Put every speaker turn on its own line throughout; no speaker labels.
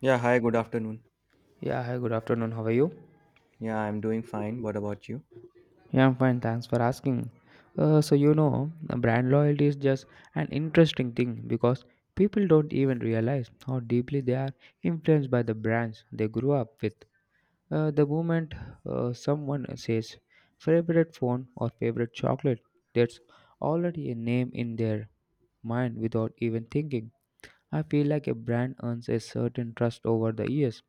Yeah, hi, good afternoon.
Yeah, hi, good afternoon. How are you?
Yeah, I'm doing fine. What about you?
Yeah, I'm fine. Thanks for asking. Uh, so, you know, Brand loyalty is just an interesting thing because people don't even realize how deeply they are influenced by the brands they grew up with. The moment someone says favorite phone or favorite chocolate, that's already a name in their mind without even thinking. I feel like a brand earns a certain trust over the years,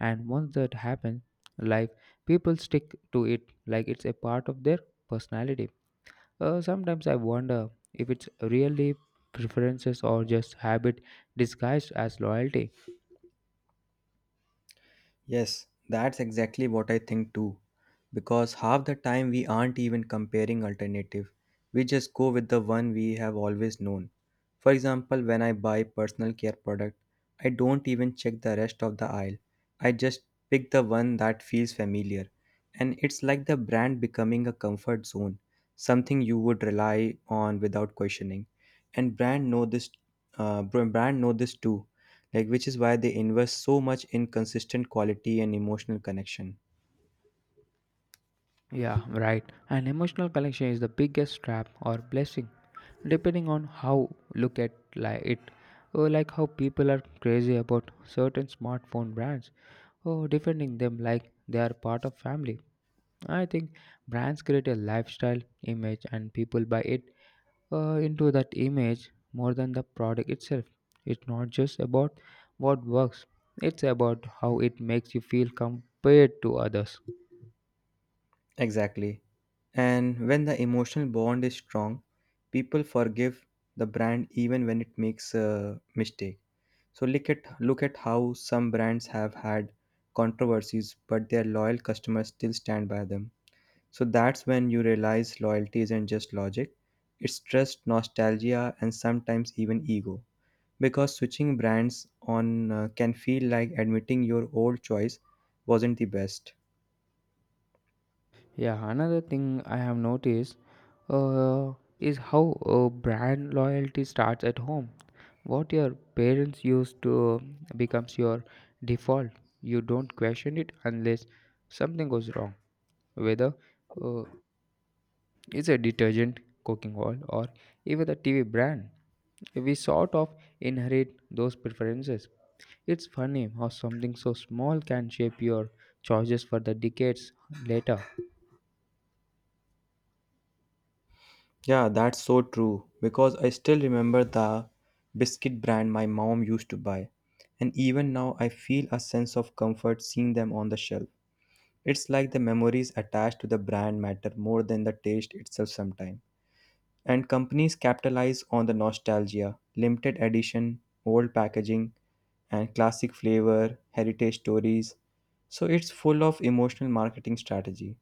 and once that happens, like, people stick to it like it's a part of their personality. Uh, sometimes I wonder if it's really preferences or just habit disguised as loyalty.
Yes, that's exactly what I think too. Because half the time we aren't even comparing alternative. We just go with the one we have always known. For example, when I buy personal care product, I don't even check the rest of the aisle. I just pick the one that feels familiar. And it's like the brand becoming a comfort zone, something you would rely on without questioning. And brand know this too, like which is why they invest so much in consistent quality and emotional connection.
Yeah, right, and emotional connection is the biggest trap or blessing, depending on how look at like it, or like how people are crazy about certain smartphone brands or defending them like they are part of family. I think brands create a lifestyle image and people buy it, into that image more than the product itself. It's not just about what works, it's about how it makes you feel compared to others.
Exactly. And when the emotional bond is strong, people forgive the brand even when it makes a mistake. So look at how some brands have had controversies but their loyal customers still stand by them. So that's when you realize loyalty isn't just logic, it's trust, nostalgia, and sometimes even ego. Because switching brands on can feel like admitting your old choice wasn't the best.
Yeah, another thing I have noticed uh, is how brand loyalty starts at home. What your parents used to becomes your default. You don't question it unless something goes wrong, whether uh, is a detergent, cooking oil, or even a TV brand. We sort of inherit those preferences. It's funny how something so small can shape your choices for the decades later.
Yeah, that's so true. Because I still remember the biscuit brand my mom used to buy. And even now, I feel a sense of comfort seeing them on the shelf. It's like the memories attached to the brand matter more than the taste itself sometimes. And companies capitalize on the nostalgia, limited edition, old packaging, and classic flavor, heritage stories. So it's full of emotional marketing strategy.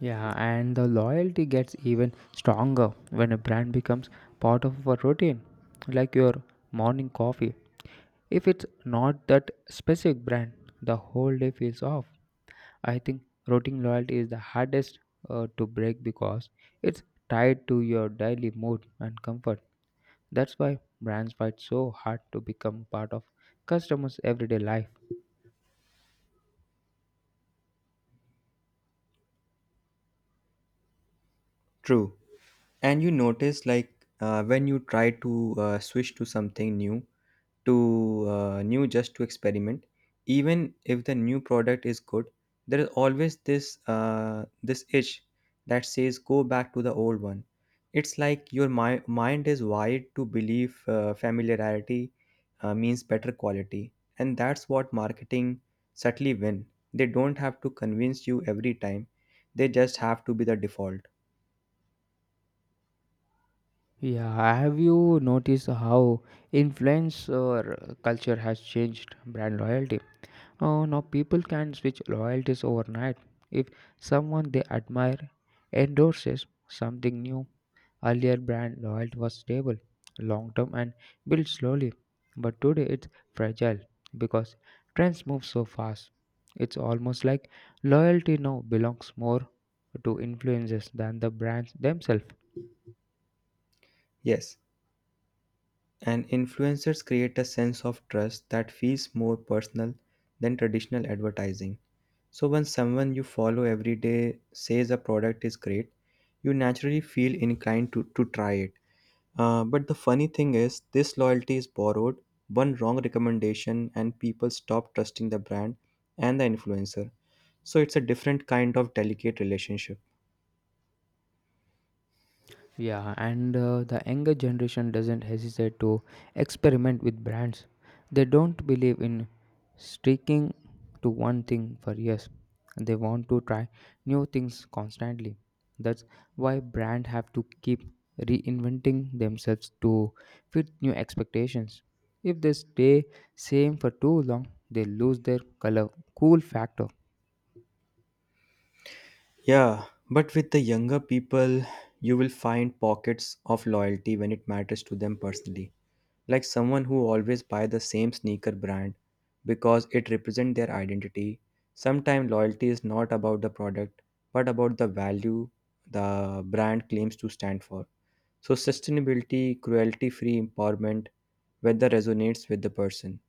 Yeah, and the loyalty gets even stronger when a brand becomes part of our routine, like your morning coffee. If it's not that specific brand, the whole day feels off. I think routine loyalty is the hardest to break because it's tied to your daily mood and comfort. That's why brands fight so hard to become part of customers' everyday life.
True. And you notice, like, when you try to switch to something new, to new just to experiment, even if the new product is good, there is always this uh, this itch that says go back to the old one. It's like your mind is wired to believe familiarity means better quality. And that's what marketing subtly win. They don't have to convince you every time, they just have to be the default.
Yeah, have you noticed how influencer culture has changed brand loyalty? Oh, now people can switch loyalties overnight. If someone they admire endorses something new, earlier brand loyalty was stable, long term, and built slowly. But today it's fragile because trends move so fast. It's almost like loyalty now belongs more to influencers than the brands themselves.
Yes. And influencers create a sense of trust that feels more personal than traditional advertising. So when someone you follow every day says a product is great, you naturally feel inclined to try it. But the funny thing is, this loyalty is borrowed, one wrong recommendation, and people stop trusting the brand and the influencer. So it's a different kind of delicate relationship.
Yeah, and the younger generation doesn't hesitate to experiment with brands. They don't believe in sticking to one thing for years. They want to try new things constantly. That's why brands have to keep reinventing themselves to fit new expectations. If they stay same for too long, they lose their color cool factor.
Yeah, but with the younger people, you will find pockets of loyalty when it matters to them personally, like someone who always buy the same sneaker brand because it represents their identity. Sometimes loyalty is not about the product but about the value the brand claims to stand for. So sustainability, cruelty-free empowerment, whether resonates with the person.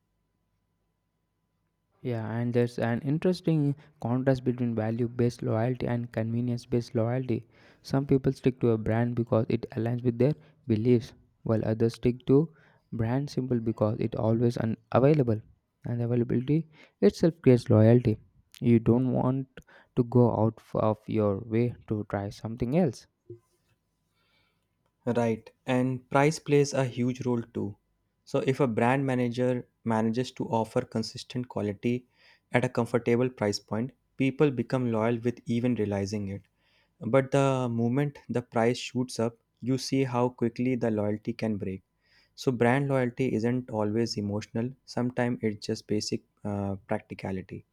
Yeah, and there's an interesting contrast between value based loyalty and convenience based loyalty. Some people stick to a brand because it aligns with their beliefs, while others stick to brand simple because it always available. And availability itself creates loyalty. You don't want to go out of your way to try something else.
Right, and price plays a huge role too. So if a brand manager manages to offer consistent quality at a comfortable price point, people become loyal with even realizing it. But the moment the price shoots up, you see how quickly the loyalty can break. So, brand loyalty isn't always emotional, sometimes it's just basic practicality.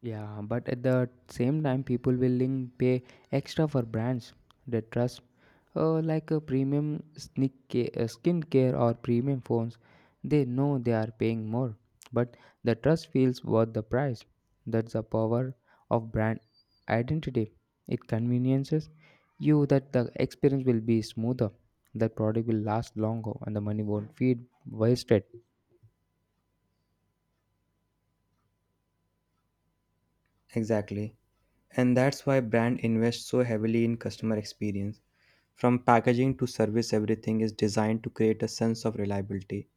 Yeah, but at the same time, people willing pay extra for brands they trust, like a premium skincare or premium phones. They know they are paying more, but the trust feels worth the price. That's the power of brand identity. It conveniences you that the experience will be smoother, that product will last longer, and the money won't feel wasted.
Exactly. And that's why brand invests so heavily in customer experience. From packaging to service, everything is designed to create a sense of reliability.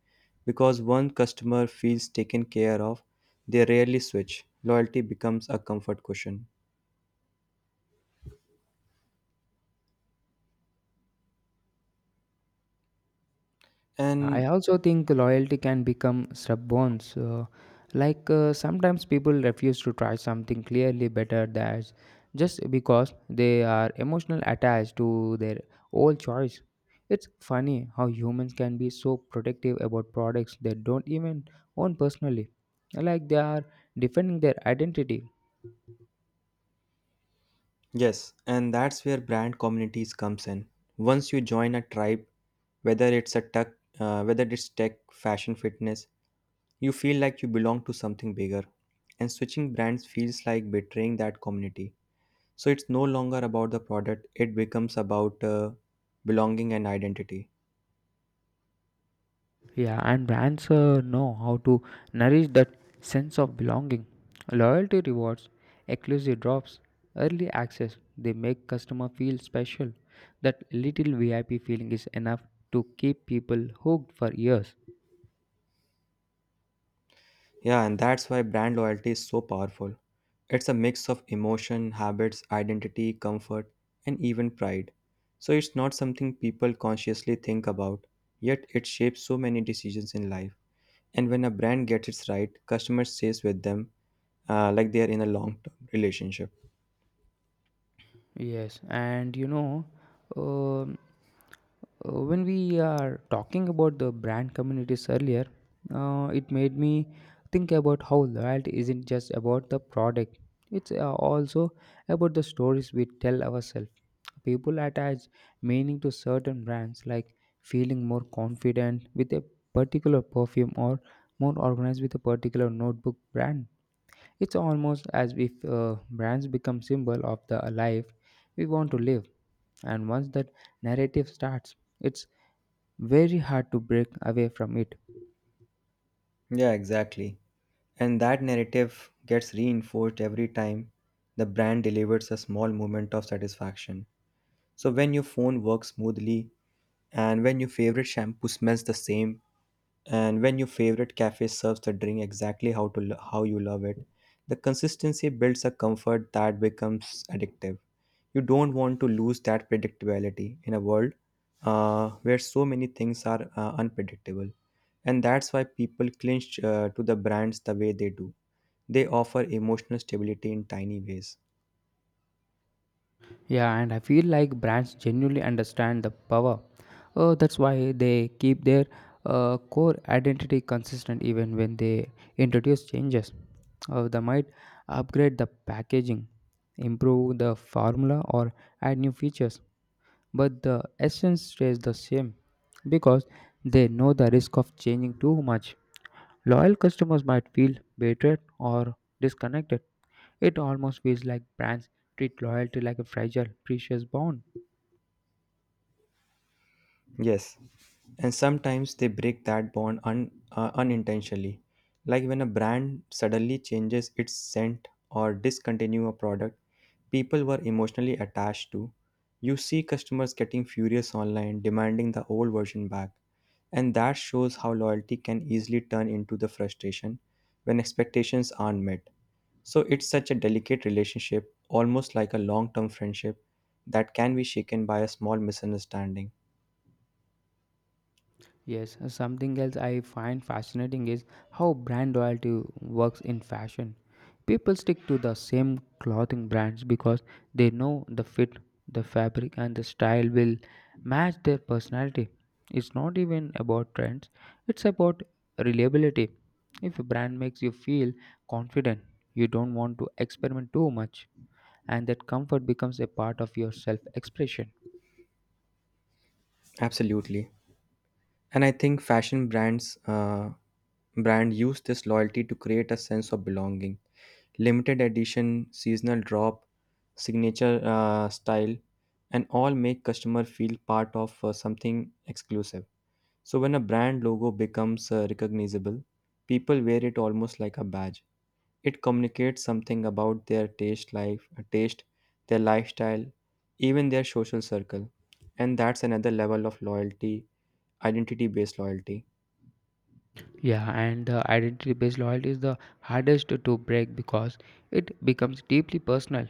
Because one customer feels taken care of, they rarely switch. Loyalty becomes a comfort cushion.
I
And
also think loyalty can become stubborn. So, like, sometimes people refuse to try something clearly better that's just because they are emotionally attached to their old choice. It's funny how humans can be so protective about products they don't even own personally, like they are defending their identity.
yes, and that's where brand communities comes in. Once you join a tribe, whether it's a tech, whether it's tech, fashion, fitness, you feel like you belong to something bigger. And switching brands feels like betraying that community. So it's no longer about the product; it becomes about belonging and identity.
Yeah, and brands know how to nourish that sense of belonging. Loyalty rewards, exclusive drops, early access, they make customer feel special. That little VIP feeling is enough to keep people hooked for years.
Yeah, and that's why brand loyalty is so powerful. It's a mix of emotion, habits, identity, comfort, and even pride. So it's not something people consciously think about, yet it shapes so many decisions in life. And when a brand gets it right, customers stays with them like they are in a long-term relationship.
Yes, and you know, um, when we are talking about the brand communities earlier, it made me think about how loyalty isn't just about the product, it's also about the stories we tell ourselves. People attach meaning to certain brands, like feeling more confident with a particular perfume or more organized with a particular notebook brand. It's almost as if brands become symbol of the life we want to live, and once that narrative starts, it's very hard to break away from it.
Yeah, exactly. And that narrative gets reinforced every time the brand delivers a small moment of satisfaction. So when your phone works smoothly, and when your favorite shampoo smells the same, and when your favorite cafe serves the drink exactly how you love it, the consistency builds a comfort that becomes addictive. You don't want to lose that predictability in a world where so many things are unpredictable. And that's why people clinch to the brands the way they do. They offer emotional stability in tiny ways.
Yeah, and I feel like brands genuinely understand the power. Oh, that's why they keep their core identity consistent even when they introduce changes. They might upgrade the packaging, improve the formula, or add new features, but the essence stays the same because they know the risk of changing too much. Loyal customers might feel betrayed or disconnected. It almost feels like brands treat loyalty like a fragile, precious bond.
Yes, and sometimes they break that bond unintentionally, like when a brand suddenly changes its scent or discontinue a product people were emotionally attached to. You see customers getting furious online, demanding the old version back, and that shows how loyalty can easily turn into the frustration when expectations aren't met. So it's such a delicate relationship, almost like a long-term friendship that can be shaken by a small misunderstanding.
Yes, something else I find fascinating is how brand loyalty works in fashion. People stick to the same clothing brands because they know the fit, the fabric, and the style will match their personality. It's not even about trends, it's about reliability. If a brand makes you feel confident, you don't want to experiment too much, and that comfort becomes a part of your self expression.
Absolutely. And I think fashion brands brand use this loyalty to create a sense of belonging. Limited edition, seasonal drop, signature style, and all make customer feel part of something exclusive. So when a brand logo becomes recognizable, people wear it almost like a badge. It communicates something about their taste, their lifestyle, even their social circle, and that's another level of loyalty, identity-based loyalty.
Yeah, and the identity based loyalty is the hardest to break because it becomes deeply personal.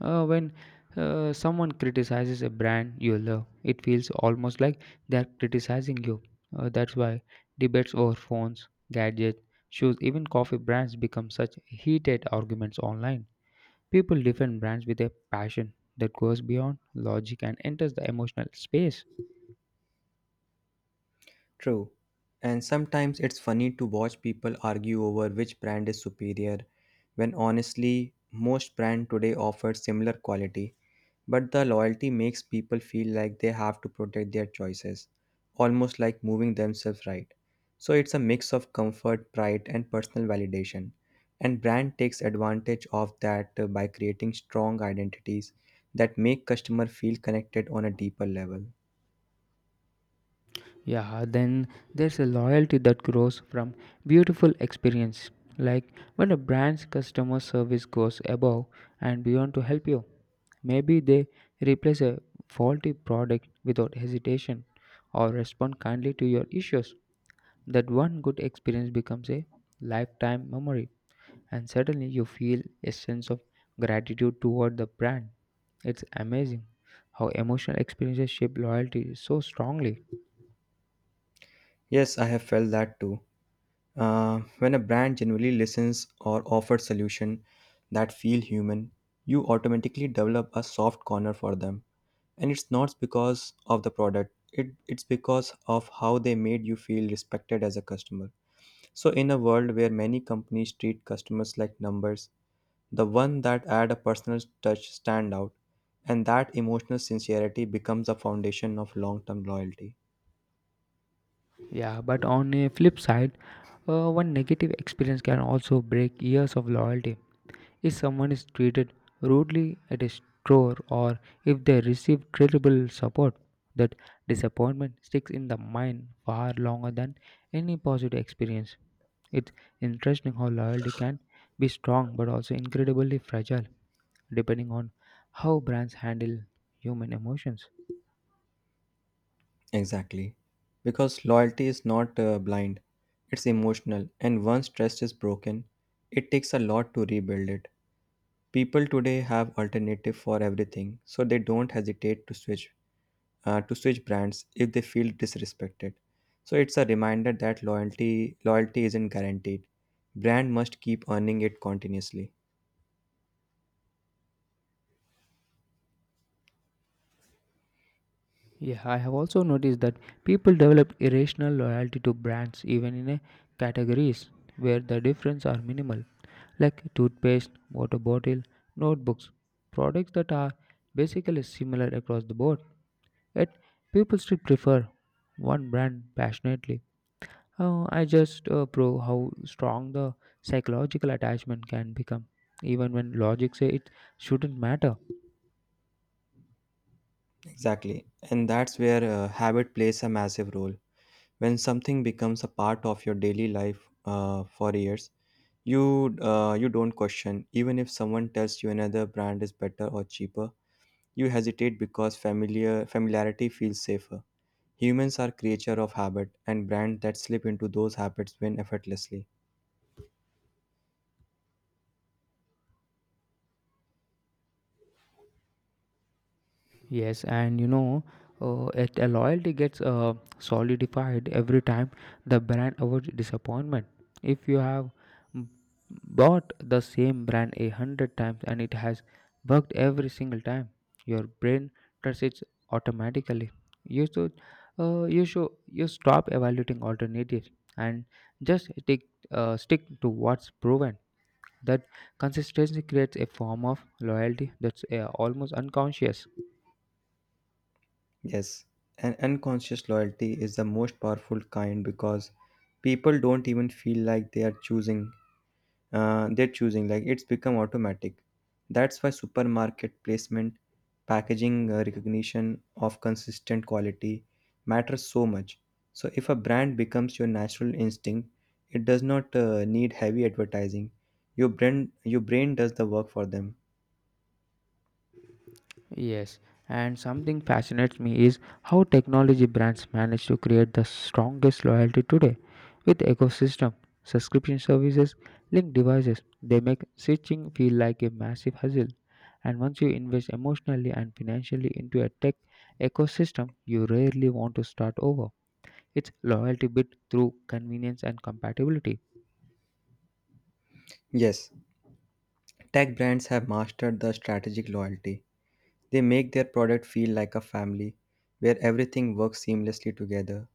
When someone criticizes a brand you love, it feels almost like they're criticizing you. That's why debates over phones, gadgets, shoes, even coffee brands become such heated arguments online. People defend brands with a passion that goes beyond logic and enters the emotional space.
True. And sometimes it's funny to watch people argue over which brand is superior when honestly most brand today offers similar quality, but the loyalty makes people feel like they have to protect their choices, almost like moving themselves right. So it's a mix of comfort, pride and personal validation. And brand takes advantage of that by creating strong identities that make customer feel connected on a deeper level.
Yeah, then there's a loyalty that grows from beautiful experience, like when a brand's customer service goes above and beyond to help you. Maybe they replace a faulty product without hesitation or respond kindly to your issues. That one good experience becomes a lifetime memory, and suddenly you feel a sense of gratitude toward the brand. It's amazing how emotional experiences shape loyalty so strongly.
Yes, I have felt that too. When a brand genuinely listens or offers solutions that feel human, you automatically develop a soft corner for them. And it's not because of the product, it's because of how they made you feel respected as a customer. So, in a world where many companies treat customers like numbers, the one that add a personal touch stand out, and that emotional sincerity becomes a foundation of long-term loyalty.
Yeah, but on a flip side, one negative experience can also break years of loyalty. If someone is treated rudely at a store or if they receive terrible support, that disappointment sticks in the mind far longer than any positive experience. It's interesting how loyalty can be strong but also incredibly fragile, depending on how brands handle human emotions.
Exactly. Because loyalty is not blind, it's emotional, and once trust is broken, it takes a lot to rebuild it. People today have alternative for everything, so they don't hesitate to switch to switch brands if they feel disrespected. So it's a reminder that loyalty isn't guaranteed. Brand must keep earning it continuously.
Yeah, I have also noticed that people develop irrational loyalty to brands even in a categories where the difference are minimal, like toothpaste, water bottle, notebooks, products that are basically similar across the board. Yet people still prefer one brand passionately. Oh, I just prove how strong the psychological attachment can become, even when logic say it shouldn't matter.
Exactly. And that's where habit plays a massive role. When something becomes a part of your daily life for years, you you don't question even if someone tells you another brand is better or cheaper. You hesitate because familiarity feels safer. Humans are creature of habit, and brands that slip into those habits win effortlessly.
Yes, and you know, a loyalty gets solidified every time the brand avoids disappointment. If you have b- bought the same brand a hundred times and it has worked every single time, your brain trusts it automatically. You should, you stop evaluating alternatives and just stick to what's proven. That consistency creates a form of loyalty that's almost unconscious.
Yes, an unconscious loyalty is the most powerful kind because people don't even feel like they are choosing, they're choosing, like it's become automatic. That's why supermarket placement, packaging, recognition of consistent quality matters so much. So if a brand becomes your natural instinct, it does not need heavy advertising. Your brain does the work for them.
Yes, and something fascinates me is how technology brands manage to create the strongest loyalty today with ecosystem, subscription services, linked devices. They make switching feel like a massive hustle. And once you invest emotionally and financially into a tech ecosystem, you rarely want to start over. It's loyalty built through convenience and compatibility.
Yes, tech brands have mastered the strategic loyalty. They make their product feel like a family where everything works seamlessly together,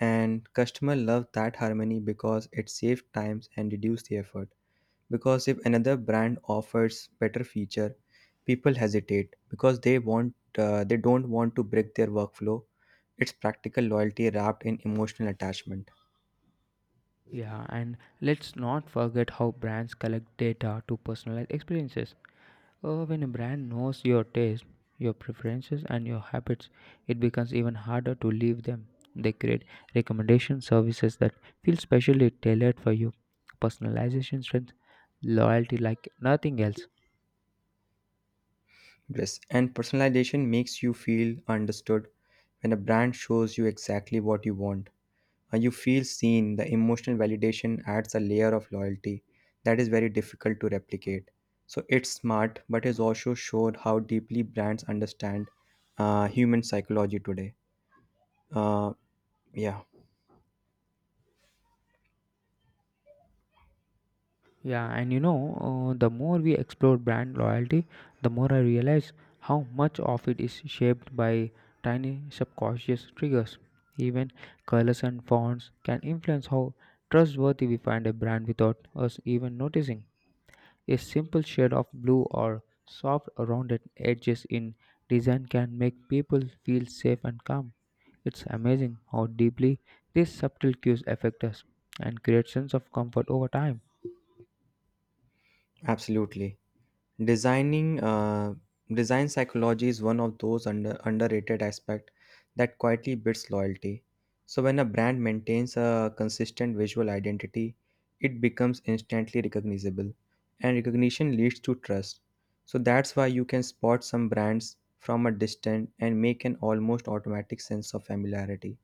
and customer love that harmony because it saves times and reduce the effort. Because if another brand offers better feature, people hesitate because they don't want to break their workflow. It's practical loyalty wrapped in emotional attachment.
Yeah, and let's not forget how brands collect data to personalize experiences. When a brand knows your taste, your preferences, and your habits, it becomes even harder to leave them. They create recommendation services that feel specially tailored for you, personalization strength, loyalty like nothing else.
Yes, and personalization makes you feel understood. When a brand shows you exactly what you want, when you feel seen, the emotional validation adds a layer of loyalty that is very difficult to replicate. So it's smart, but it also showed how deeply brands understand human psychology today. Uh, yeah,
Yeah, and you know, the more we explore brand loyalty, the more I realize how much of it is shaped by tiny subconscious triggers. Even colors and fonts can influence how trustworthy we find a brand without us even noticing. A simple shade of blue or soft rounded edges in design can make people feel safe and calm. It's amazing how deeply these subtle cues affect us and create sense of comfort over time.
absolutely. Designing design psychology is one of those underrated aspect that quietly builds loyalty. So when a brand maintains a consistent visual identity, it becomes instantly recognizable, and recognition leads to trust. So that's why you can spot some brands from a distance and make an almost automatic sense of familiarity.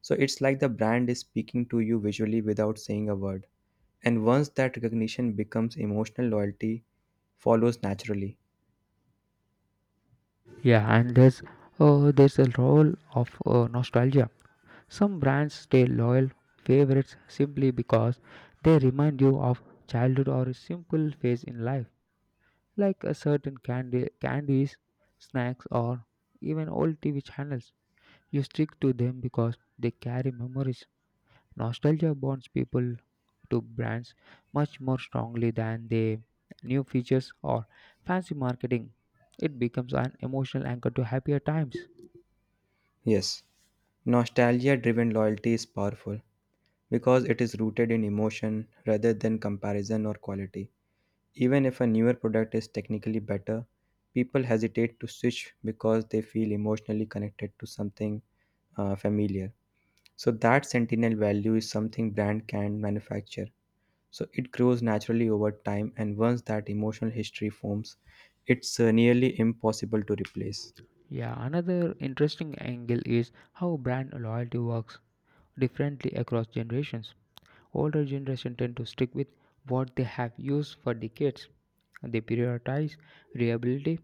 So it's like the brand is speaking to you visually without saying a word. And once that recognition becomes emotional, loyalty follows naturally.
Yeah, and there's a role of nostalgia. Some brands stay loyal favorites simply because they remind you of childhood or a simple phase in life, like a certain candy, candies, snacks, or even old TV channels. You stick to them because they carry memories. Nostalgia bonds people to brands much more strongly than their new features or fancy marketing. It becomes an emotional anchor to happier times.
Yes, nostalgia driven loyalty is powerful because it is rooted in emotion rather than comparison or quality. Even if a newer product is technically better, people hesitate to switch because they feel emotionally connected to something familiar. So, that sentinel value is something brand can manufacture. So, it grows naturally over time, and once that emotional history forms, it's nearly impossible to replace.
Yeah, another interesting angle is how brand loyalty works differently across generations. Older generation tend to stick with what they have used for decades. They prioritize reliability,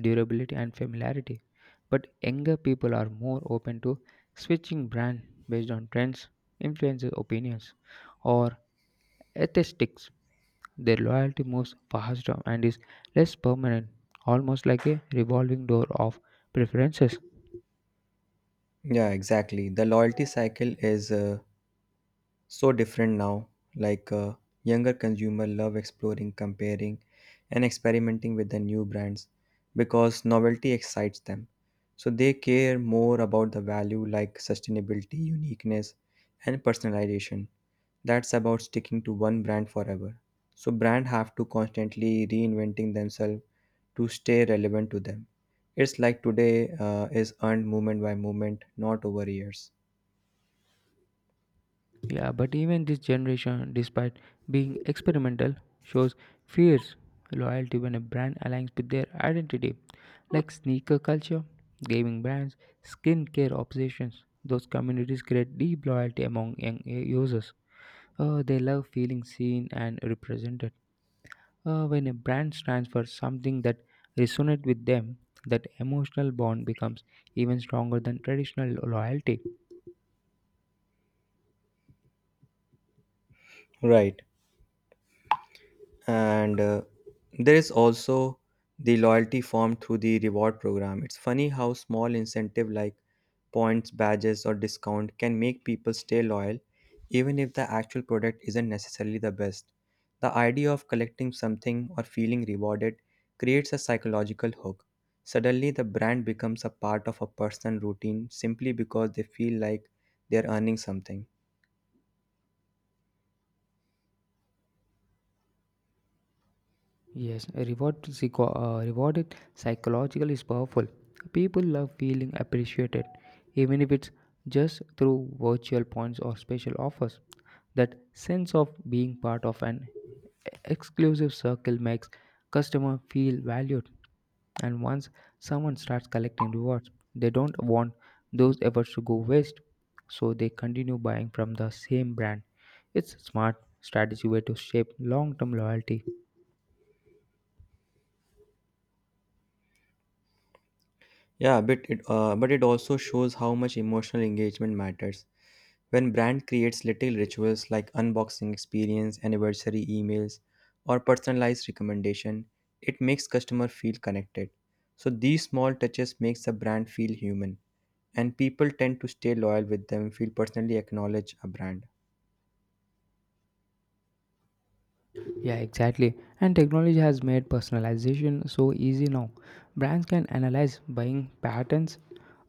durability and familiarity. But younger people are more open to switching brand based on trends, influences, opinions or aesthetics. Their loyalty moves faster and is less permanent, almost like a revolving door of preferences.
Yeah, exactly. The loyalty cycle is so different now. Like younger consumer love exploring, comparing, and experimenting with the new brands because novelty excites them. So they care more about the value like sustainability, uniqueness, and personalization. That's about sticking to one brand forever. So brand have to constantly reinventing themselves to stay relevant to them. It's like today is earned moment by moment, not over years.
Yeah, but even this generation, despite being experimental, shows fierce loyalty when a brand aligns with their identity, like sneaker culture, gaming brands, skincare obsessions. Those communities create deep loyalty among young users. They love feeling seen and represented. When a brand stands for something that resonates with them, that emotional bond becomes even stronger than traditional loyalty.
Right. And there is also the loyalty formed through the reward program. It's funny how small incentive like points, badges or discount can make people stay loyal even if the actual product isn't necessarily the best. The idea of collecting something or feeling rewarded creates a psychological hook. Suddenly the brand becomes a part of a personal routine simply because they feel like they're earning something.
Yes, a rewarded psychological is powerful. People love feeling appreciated, even if it's just through virtual points or special offers. That sense of being part of an exclusive circle makes customer feel valued. And once someone starts collecting rewards, they don't want those efforts to go waste, so they continue buying from the same brand. It's a smart strategy way to shape long-term loyalty.
Yeah, but it also shows how much emotional engagement matters. When brand creates little rituals like unboxing experience, anniversary emails, or personalized recommendation, it makes customer feel connected. So these small touches makes the brand feel human and people tend to stay loyal with them, feel personally acknowledge a brand.
Yeah, exactly. And technology has made personalization so easy now. Brands can analyze buying patterns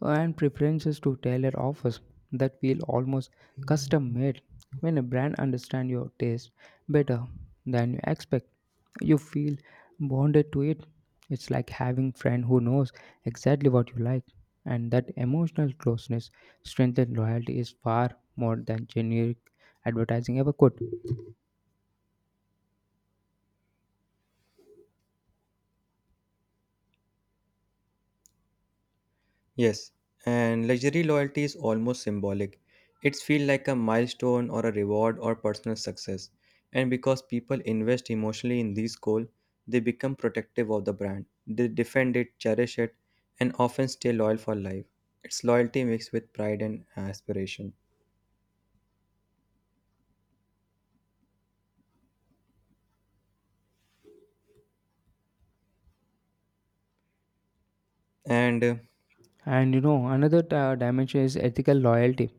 and preferences to tailor offers that feel almost custom made. When a brand understands your taste better than you expect, you feel bonded to it. It's like having friend who knows exactly what you like, and that emotional closeness strengthens loyalty is far more than generic advertising ever could.
Yes, and luxury loyalty is almost symbolic. It's feel like a milestone or a reward or personal success. And because people invest emotionally in these goals, they become protective of the brand. They defend it, cherish it, and often stay loyal for life. It's loyalty mixed with pride and aspiration. And
And you know, another dimension is ethical loyalty.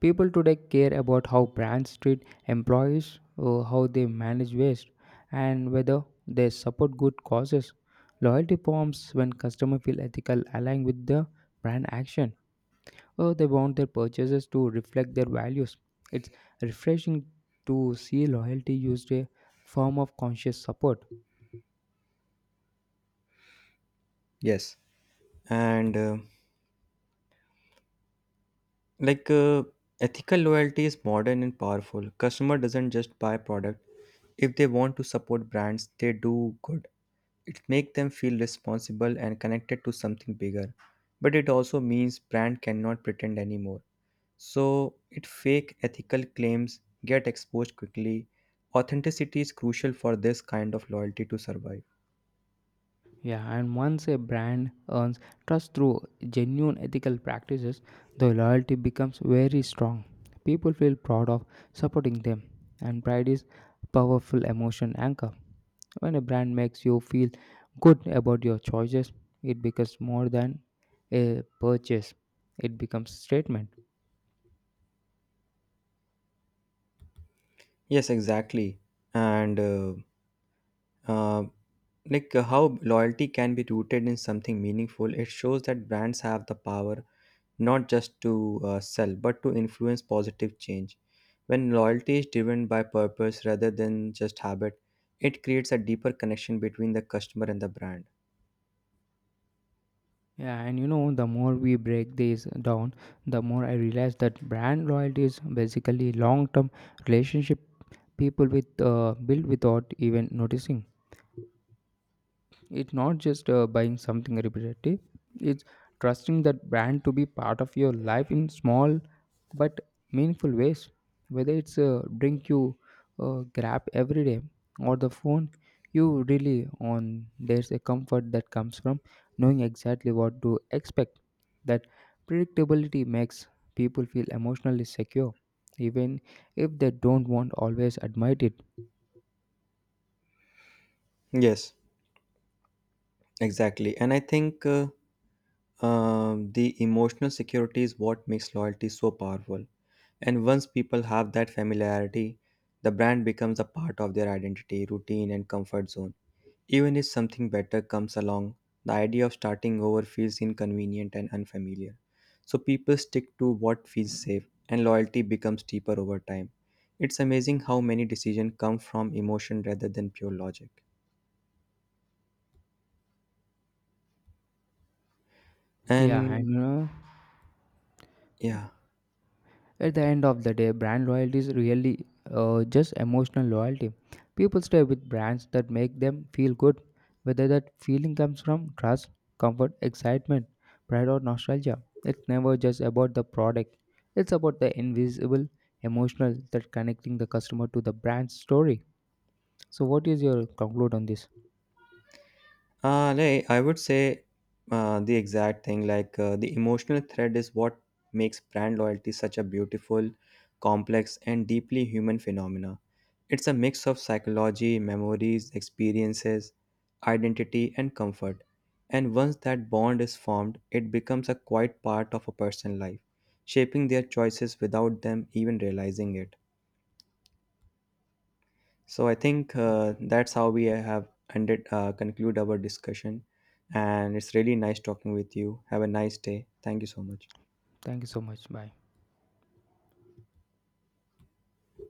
People today care about how brands treat employees, how they manage waste, and whether they support good causes. Loyalty forms when customers feel ethical aligned with the brand action, or they want their purchases to reflect their values. It's refreshing to see loyalty used a form of conscious support.
yes, and like Ethical loyalty is modern and powerful. Customer doesn't just buy product. If they want to support brands, they do good. It makes them feel responsible and connected to something bigger. But it also means brand cannot pretend anymore. So it fake ethical claims get exposed quickly. Authenticity is crucial for this kind of loyalty to survive.
Yeah, and once a brand earns trust through genuine ethical practices, the loyalty becomes very strong. People feel proud of supporting them, and pride is powerful emotion anchor. When a brand makes you feel good about your choices, it becomes more than a purchase. It becomes statement.
Yes, exactly. And uh, like How loyalty can be rooted in something meaningful, it shows that brands have the power not just to sell, but to influence positive change. When loyalty is driven by purpose rather than just habit, it creates a deeper connection between the customer and the brand.
Yeah, and you know, the more we break these down, the more I realize that brand loyalty is basically long-term relationship people with build without even noticing. It's not just buying something repetitive, it's trusting that brand to be part of your life in small but meaningful ways. Whether it's a drink you grab every day or the phone you really on, there's a comfort that comes from knowing exactly what to expect. That predictability makes people feel emotionally secure, even if they don't want always admit it.
Yes, exactly. And I think the emotional security is what makes loyalty so powerful. And once people have that familiarity, the brand becomes a part of their identity, routine, and comfort zone. Even if something better comes along, the idea of starting over feels inconvenient and unfamiliar. So people stick to what feels safe, and loyalty becomes deeper over time. It's amazing how many decisions come from emotion rather than pure logic.
Yeah,
And
and
yeah,
At the end of the day, brand loyalty is really just emotional loyalty. People stay with brands that make them feel good, whether that feeling comes from trust, comfort, excitement, pride, or nostalgia. It's never just about the product, it's about the invisible emotional that connecting the customer to the brand's story. So, what is your conclude on this?
like, I would say the exact thing, like the emotional thread is what makes brand loyalty such a beautiful, complex, and deeply human phenomena. It's a mix of psychology, memories, experiences, identity, and comfort. And once that bond is formed, it becomes a quiet part of a person's life, shaping their choices without them even realizing it. So I think that's how we have conclude our discussion. And it's really nice talking with you. Have a nice day. Thank you so much.
Thank you so much. Bye.